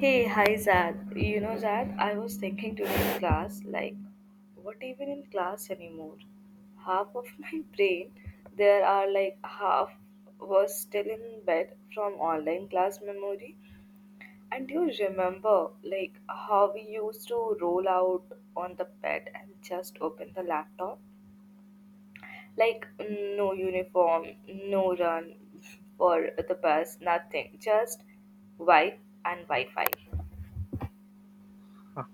Hey, hi Zad. You know, Zad, I was thinking today in class, like, what even in class anymore? Half of my brain, there are like half was still in bed from online class memory. And do you remember, like, how we used to roll out on the bed and just open the laptop? Like, no uniform, no run for the bus, nothing, just wipe and Wi Fi. Ah,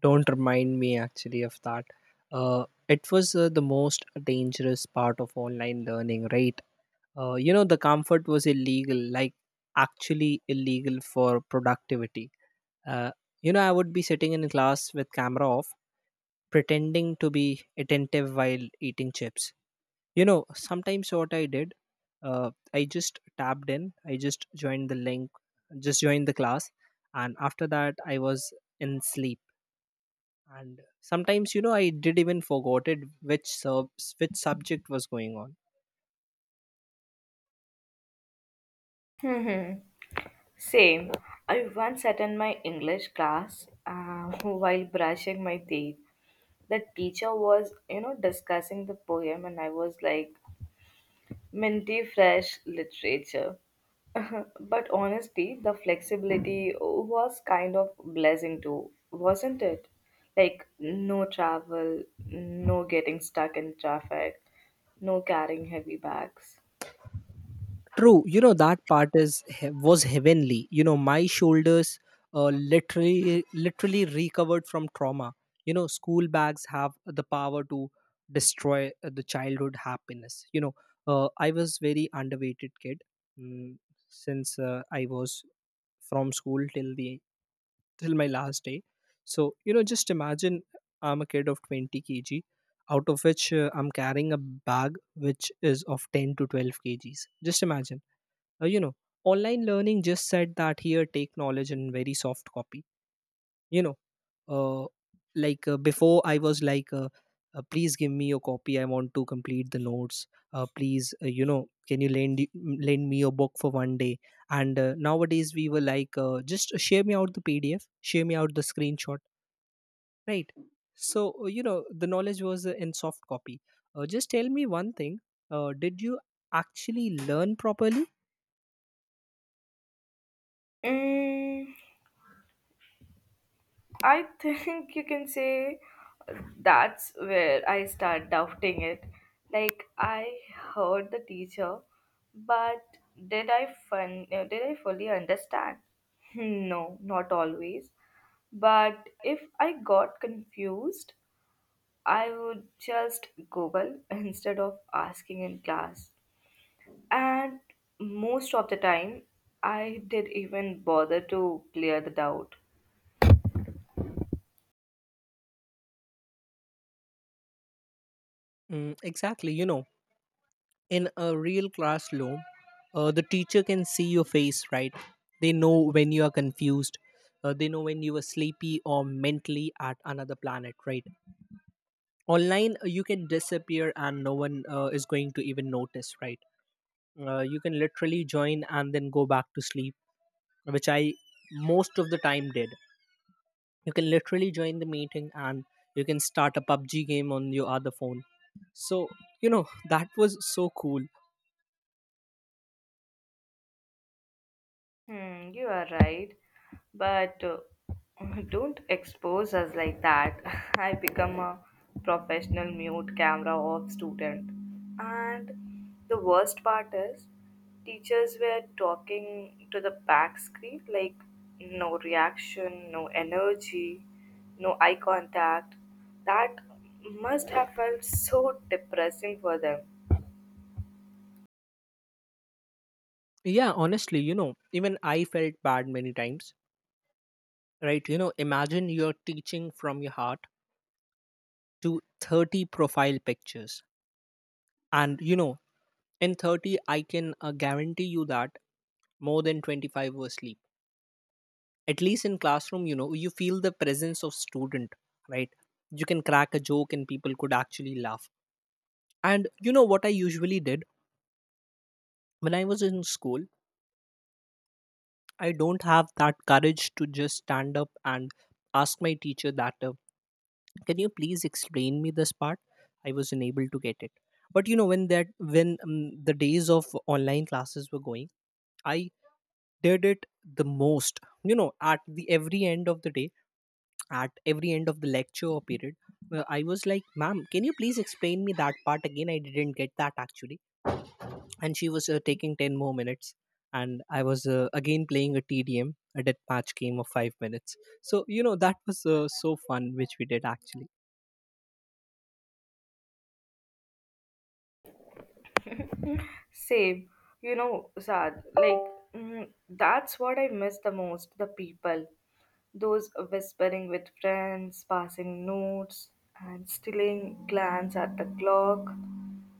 don't remind me actually of that. It was the most dangerous part of online learning, right? You know, the comfort was illegal, like actually illegal for productivity. Uh, you know, I would be sitting in class with camera off, pretending to be attentive while eating chips. You know, sometimes what I did, I just tapped in, I just joined the link, just joined the class, and after that, I was in sleep. And sometimes, you know, I did even forgot it, which subject was going on. Same. I once sat in my English class while brushing my teeth. The teacher was, you know, discussing the poem, and I was like, minty fresh literature. But honestly, the flexibility was kind of blessing too, wasn't it? Like, no travel, no getting stuck in traffic, no carrying heavy bags. True, you know, that part was heavenly. You know, my shoulders literally recovered from trauma. You know, school bags have the power to destroy the childhood happiness. You know, I was very underweighted kid, mm, since I was from school till my last day. So, you know, just imagine, I'm a kid of 20 kg, out of which I'm carrying a bag which is of 10 to 12 kgs. Just imagine. You know, online learning just said that, here, take knowledge in very soft copy. You know, uh, before I was like, please give me your copy, I want to complete the notes. Please, you know, can you lend lend me your book for one day? And nowadays we were like, just share me out the pdf, share me out the screenshot, right? So you know, the knowledge was in soft copy. Just tell me one thing, did you actually learn properly? Mm, I think you can say that's where I start doubting it. Like I heard the teacher, but did I fully understand? Hmm. No, not always. But if I got confused, I would just Google instead of asking in class. And most of the time, I did even bother to clear the doubt. Mm, exactly. You know, in a real classroom, the teacher can see your face, right? They know when you are confused, they know when you are sleepy or mentally at another planet, right? Online, you can disappear and no one is going to even notice, right? You can literally join and then go back to sleep, which I most of the time did. You can literally join the meeting and you can start a pubg game on your other phone. So you know, that was so cool. Hmm, you are right, but don't expose us like that. I become a professional mute camera off student, and the worst part is, teachers were talking to the back screen like no reaction, no energy, no eye contact. That must have felt so depressing for them. Yeah, honestly, you know, even I felt bad many times, right? You know, imagine you're teaching from your heart to 30 profile pictures. And, you know, in 30, I can guarantee you that more than 25 were asleep. At least in classroom, you know, you feel the presence of student, right? You can crack a joke and people could actually laugh. And you know what I usually did when I was in school? I don't have that courage to just stand up and ask my teacher that, can you please explain me this part? I was unable to get it. But you know, when the days of online classes were going, I did it the most. You know, at the every end of the day, at every end of the lecture or period, I was like, "Ma'am, can you please explain me that part again? I didn't get that actually." And she was taking 10 more minutes, and I was again playing a tdm, a death match game of 5 minutes. So you know, that was so fun, which we did actually. Same, you know, Saad, like, that's what I miss the most the people. Those whispering with friends, passing notes, and stealing glance at the clock,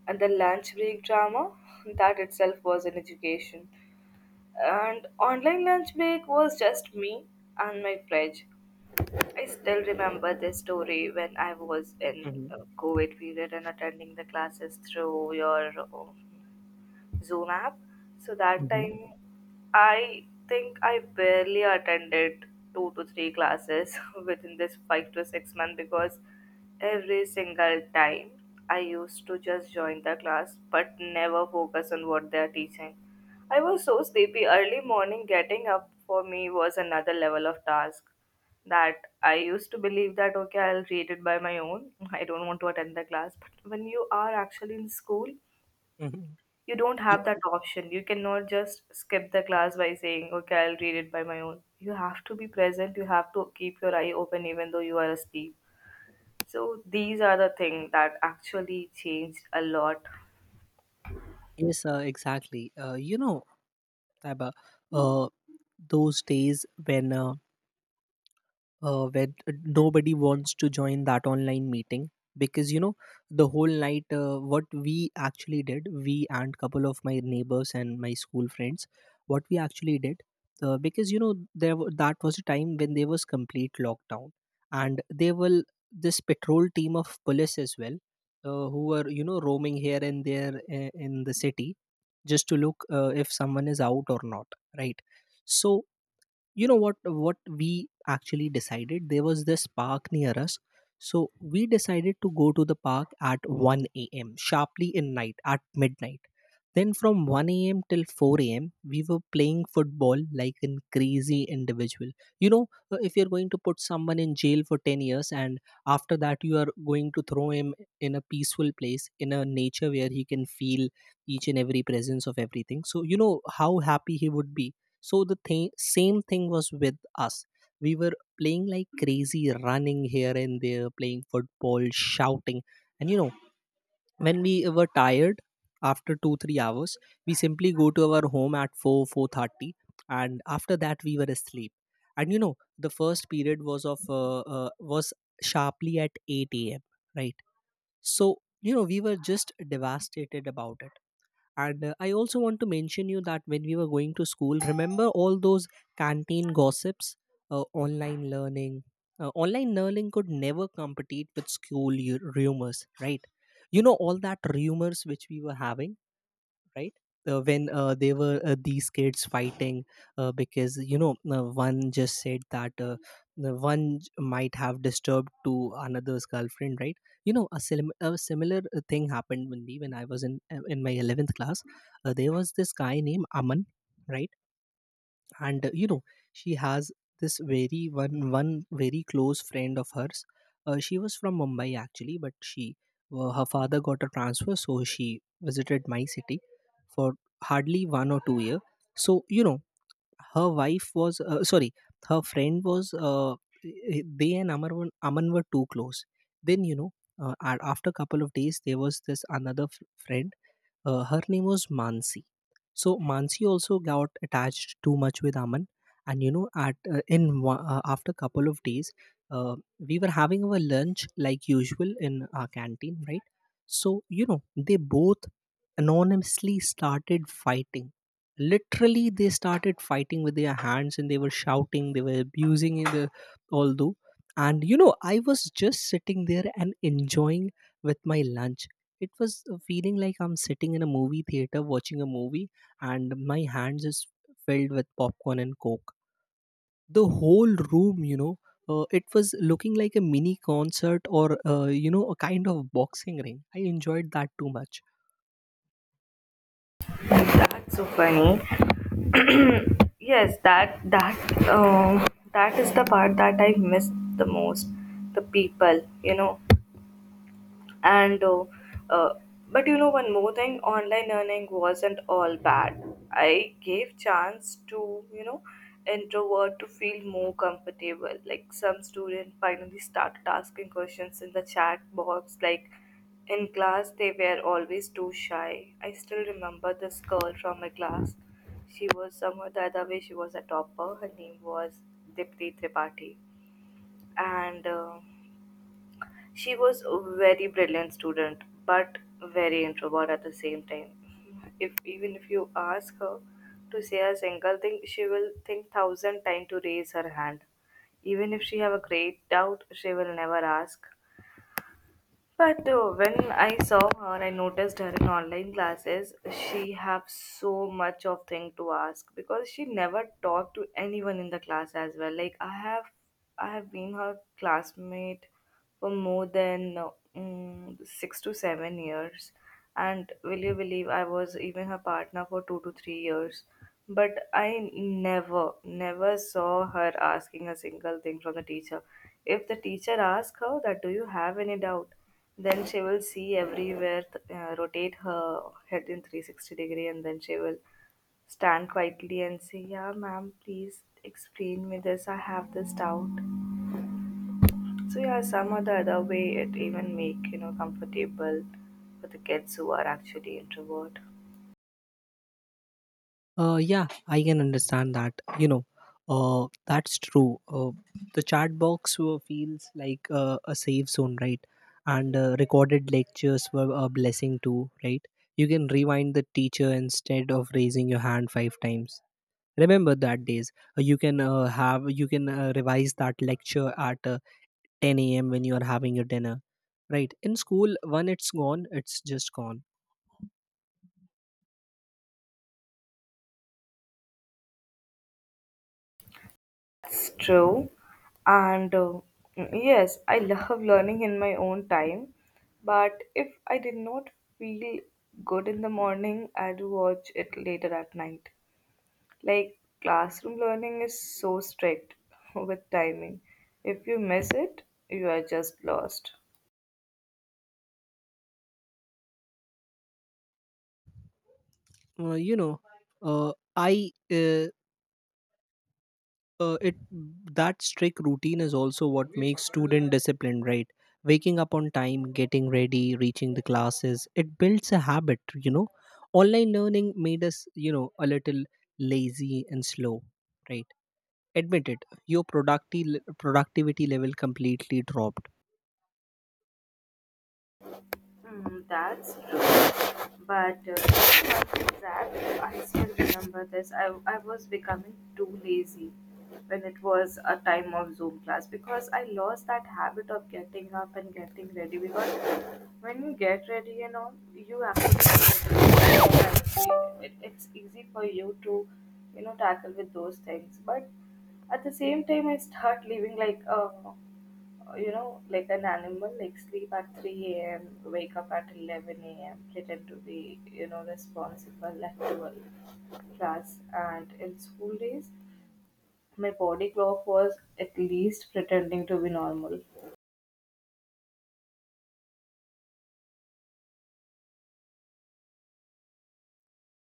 and the lunch break drama. That itself was an education. And online lunch break was just me and my fridge. I still remember this story when I was in Hmm. COVID period and attending the classes through your Zoom app. So that Hmm. time, I think I barely attended two to three classes within this 5 to 6 months because every single time I used to just join the class but never focus on what they are teaching. I was so sleepy. Early morning getting up for me was another level of task that I used to believe that okay, I'll read it by my own. I don't want to attend the class. But when you are actually in school, Hmm. you don't Y- have that option. You cannot just skip the class by saying, okay, I'll read it by my own. You have to be present. You have to keep your eye open even though you are asleep. So these are the things that actually changed a lot. yes, exactly. You know, Taiba, uh, those days when where nobody wants to join that online meeting. Because you know, the whole night, what we actually did, we and couple of my neighbors and my school friends, what we actually did, because you know, that was a time when there was complete lockdown. And there were this patrol team of police as well, who were, you know, roaming here and there, in the city just to look if someone is out or not, right? So you know, what we actually decided, there was this park near us. So we decided to go to the park at 1 a.m sharply in night at midnight, then from 1 a.m till 4 a.m we were playing football like a crazy individual. You know, if you're going to put someone in jail for 10 years and after that you are going to throw him in a peaceful place in a nature where he can feel each and every presence of everything, so you know, how happy he would be. So the same thing was with us. We were playing like crazy, running here and there, playing football, shouting. And you know, when we were tired after two, 3 hours, we simply go to our home at 4, 4:30, and after that we were asleep. And you know, the first period was of was sharply at 8 a.m. Right. So you know, we were just devastated about it. And I also want to mention you that when we were going to school, remember all those canteen gossips, online learning. Online learning could never compete with school rumors, right? You know all that rumors which we were having, right? When they were, these kids fighting, because you know, one just said that the one might have disturbed to another's girlfriend, right? You know, a similar thing happened with me when I was in my 11th class. There was this guy named Aman, right? And you know, she has this very one very close friend of hers. She was from Mumbai actually, but she her father got a transfer, so she visited my city for hardly one or two year. So you know, her wife was, sorry, her friend was, they and Aman were too close. Then you know, after a couple of days, there was this another friend. Her name was Mansi. So Mansi also got attached too much with Aman, and you know, after couple of days, we were having our lunch like usual in our canteen, right? So you know, they both anonymously started fighting. Literally, they started fighting with their hands, and they were shouting, they were abusing in the all though. And you know, I was just sitting there and enjoying with my lunch. It was a feeling like I'm sitting in a movie theater watching a movie, and my hands is filled with popcorn and coke. The whole room, you know, it was looking like a mini concert or, you know, a kind of boxing ring. I enjoyed that too much. That's so funny. Yes, that is the part that I miss the most. The people, you know. And uh, but you know one more thing, online learning wasn't all bad. I gave chance to, you know, introvert to feel more comfortable, like some student finally started asking questions in the chat box. Like in class they were always too shy. I still remember this girl from my class. She was somehow the other way. She was a topper. Her name was Dipti Tripathi. And she was a very brilliant student, but very introvert at the same time. If even if you ask her to say a single thing, she will think thousand times to raise her hand. Even if she have a great doubt, she will never ask. But when I saw her, I noticed her in online classes. She have so much of thing to ask because she never talked to anyone in the class as well. Like I have been her classmate for more than 6 to 7 years, and will you believe I was even her partner for 2 to 3 years. But I never, never saw her asking a single thing from the teacher. If the teacher asked her that, do you have any doubt? Then she will see everywhere, rotate her head in 360 degree, and then she will stand quietly and say, "Yeah, ma'am, please explain me this. I have this doubt." So yeah, some or the other way it even make you know comfortable for the kids who are actually introvert. Yeah, I can understand that. You know, that's true. The chat box feels like a safe zone, right? And recorded lectures were a blessing too, right? You can rewind the teacher instead of raising your hand five times. Remember that days. You can revise that lecture at 10 a.m. when you are having your dinner, right? In school, when it's gone, it's just gone. It's true, and yes, I love learning in my own time. But if I did not feel good in the morning, I'd watch it later at night. Like classroom learning is so strict with timing. If you miss it, you are just lost. You know, I it that strict routine is also what makes student discipline, right? Waking up on time, getting ready, reaching the classes, it builds a habit, you know. Online learning made us, you know, a little lazy and slow, right? Admit it, your productivity level completely dropped. Mm, that's But the fact is that I still remember this. I was becoming too lazy when it was a time of Zoom class because I lost that habit of getting up and getting ready. Because when you get ready, you know, you actually get ready. It's easy for you to, you know, tackle with those things. But at the same time, I start leaving like, you know, like an animal, like sleep at 3 a.m., wake up at 11 a.m., pretend to be, you know, responsible at 12 class. And in school days, my body clock was at least pretending to be normal.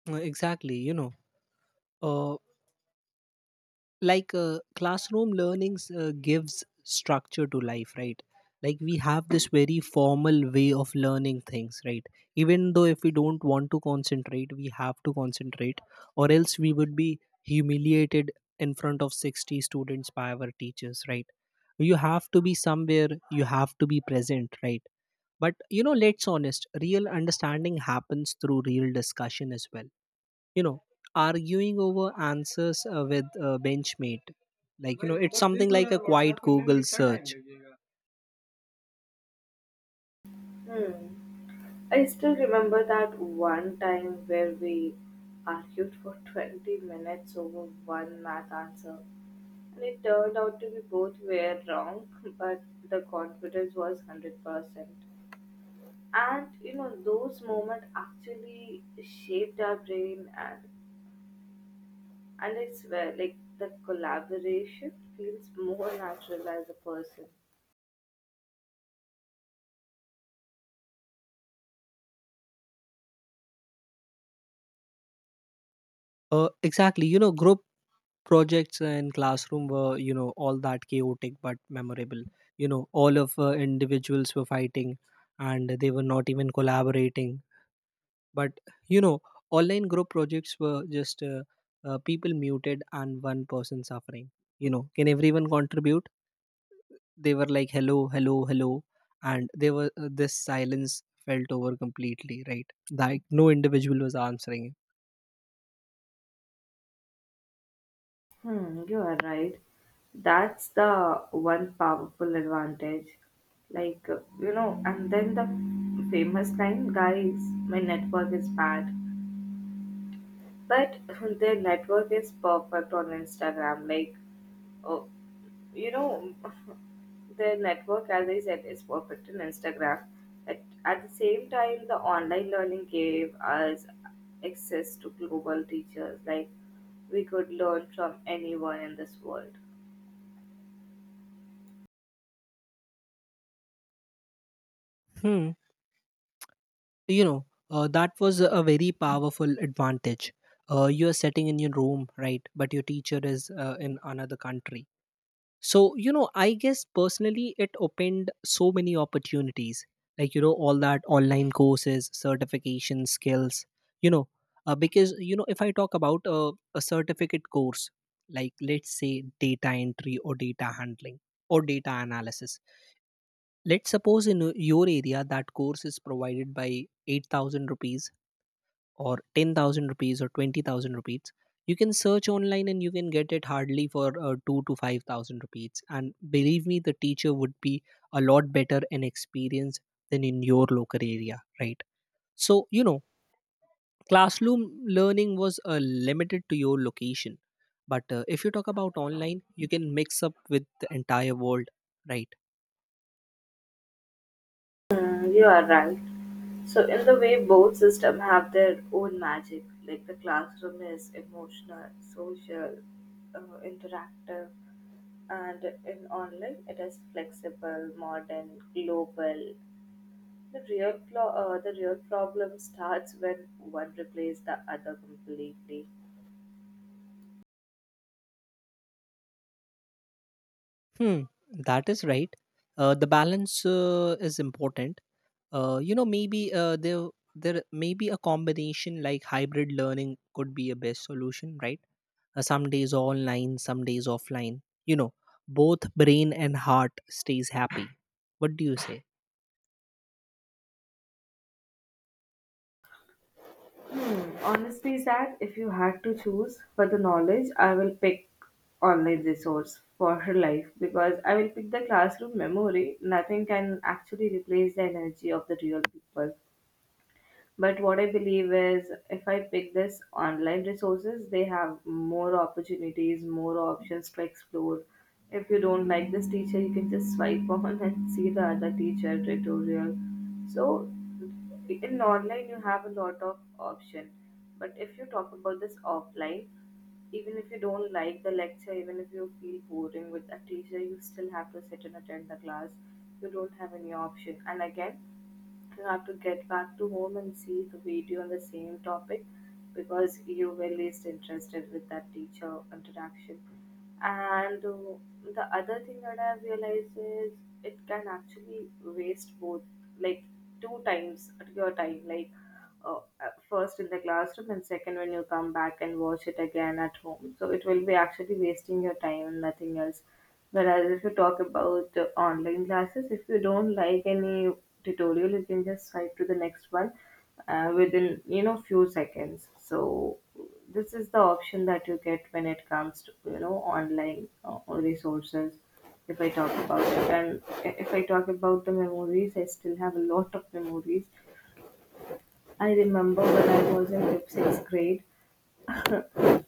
Exactly, you know, uh, like classroom learnings gives structure to life, right? Like we have this very formal way of learning things, right? Even though if we don't want to concentrate, we have to concentrate, or else we would be humiliated in front of 60 students by our teachers, right? You have to be somewhere, you have to be present, right? But you know, let's honest, real understanding happens through real discussion as well. You know, arguing over answers, with a benchmate, like, you know, it's something like a quiet google search. Hmm. I still remember that one time where we argued for 20 minutes over one math answer. And it turned out to be both were wrong, but the confidence was 100%. And you know those moments actually shaped our brain, and I swear like the collaboration feels more natural as a person. Exactly, you know, group projects and classroom were, you know, all that chaotic but memorable. You know, all of individuals were fighting and they were not even collaborating. But you know, online group projects were just people muted and one person suffering. You know, can everyone contribute? They were like, hello, hello, hello. And there were, this silence felt over completely, right? Like no individual was answering it. Hmm, you are right. That's the one powerful advantage, like you know. And then the famous line, guys, my network is bad but their network is perfect on Instagram. Like, oh, you know, their network, as I said, is perfect on Instagram. At the same time, the online learning gave us access to global teachers. Like, we could learn from anyone in this world. Hmm. You know, that was a very powerful advantage. You are sitting in your room, right? But your teacher is in another country. So, you know, I guess personally it opened so many opportunities. Like, you know, all that online courses, certification skills, you know, because, you know, if I talk about a certificate course, like let's say data entry or data handling or data analysis, let's suppose in your area that course is provided by 8,000 rupees or 10,000 rupees or 20,000 rupees, you can search online and you can get it hardly for 2 to 5,000 rupees. And believe me, the teacher would be a lot better and experienced than in your local area, right? So, you know, classroom learning was limited to your location. But if you talk about online, you can mix up with the entire world, right? Mm, you are right. So in the way both systems have their own magic, like the classroom is emotional, social, interactive, and in online it is flexible, modern, global. The real problem starts when one replaces the other completely. Hmm, that is right. The balance is important, you know, maybe there may be a combination like hybrid learning could be a best solution, right? Some days online, some days offline, you know, both brain and heart stays happy. What do you say? Hmm. Honestly, Zach, if you had to choose for the knowledge, I will pick online resource for her life because I will pick the classroom memory. Nothing can actually replace the energy of the real people. But what I believe is if I pick this online resources, they have more opportunities, more options to explore. If you don't like this teacher, you can just swipe on and see the other teacher tutorial. So in online you have a lot of option. But if you talk about this offline, even if you don't like the lecture, even if you feel boring with a teacher, you still have to sit and attend the class. You don't have any option. And again, you have to get back to home and see the video on the same topic because you were least interested with that teacher interaction. And the other thing that I've realized is it can actually waste both, like two times your time. Like first in the classroom and second when you come back and watch it again at home. So it will be actually wasting your time and nothing else. Whereas if you talk about online classes, if you don't like any tutorial, you can just swipe to the next one within you know few seconds. So this is the option that you get when it comes to you know online resources. If I talk about it, and if I talk about the memories, I still have a lot of memories. I remember when I was in fifth, sixth grade.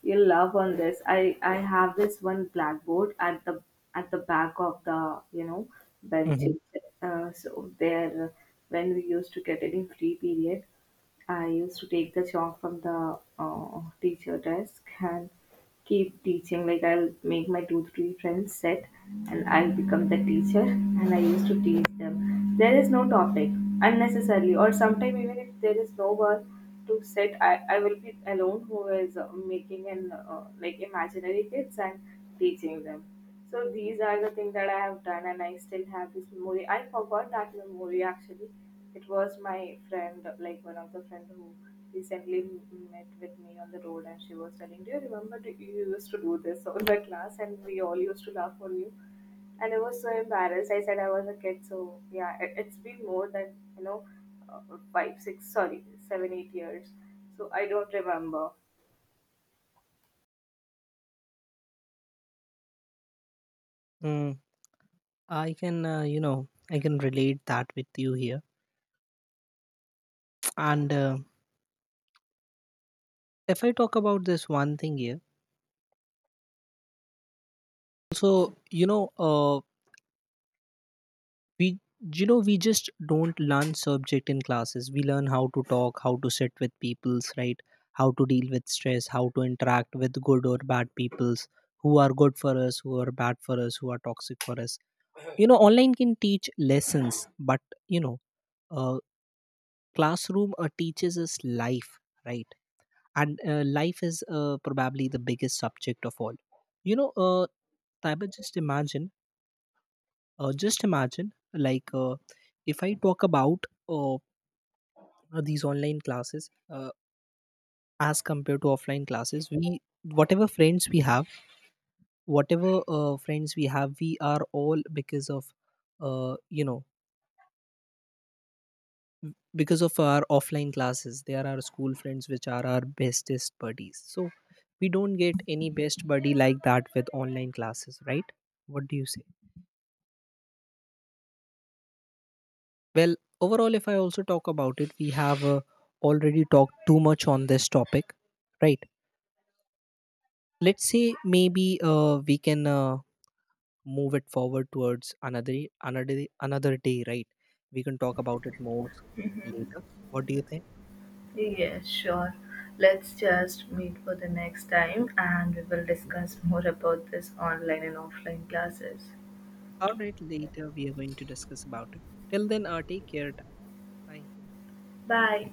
You'll laugh on this. I have this one blackboard at the back of the you know bench. Mhm. So there, when we used to get any free period, I used to take the chalk from the teacher desk and keep teaching. Like I'll make my two three friends sit, and I become the teacher, and I used to teach them. There is no topic unnecessarily, or sometimes even if there is no one to sit, I will be alone who is making an like imaginary kids and teaching them. So these are the things that I have done, and I still have this memory. I forgot that memory actually. It was my friend, like one of the friend who recently met with me on the road, and she was telling, "Do you remember that you used to do this on the class, and we all used to laugh for you?" And I was so embarrassed. I said I was a kid, so yeah, it, it's been more than you know, five, six, sorry, seven, 8 years. So I don't remember. mm I can relate that with you here. And if I talk about this one thing here, so you know, we we just don't learn subject in classes, we learn how to talk, how to sit with peoples, right? How to deal with stress, how to interact with good or bad peoples, who are good for us, who are bad for us, who are toxic for us. You know, online can teach lessons, but you know, uh, classroom teaches us life, right? And life is probably the biggest subject of all. You know, Taiba, just imagine, like if I talk about these online classes as compared to offline classes. We whatever friends we have whatever uh, friends we have, we are all because of uh, you know m- because of our offline classes. They are our school friends, which are our bestest buddies. So we don't get any best buddy like that with online classes, right? What do you say? Well, overall, if I also talk about it, we have already talked too much on this topic, right? Let's say, maybe we can move it forward towards another day, right? We can talk about it more later. What do you think? Let's just meet for the next time and we will discuss more about this online and offline classes. All right, later we are going to discuss about it. Till then, take care. Bye. Bye.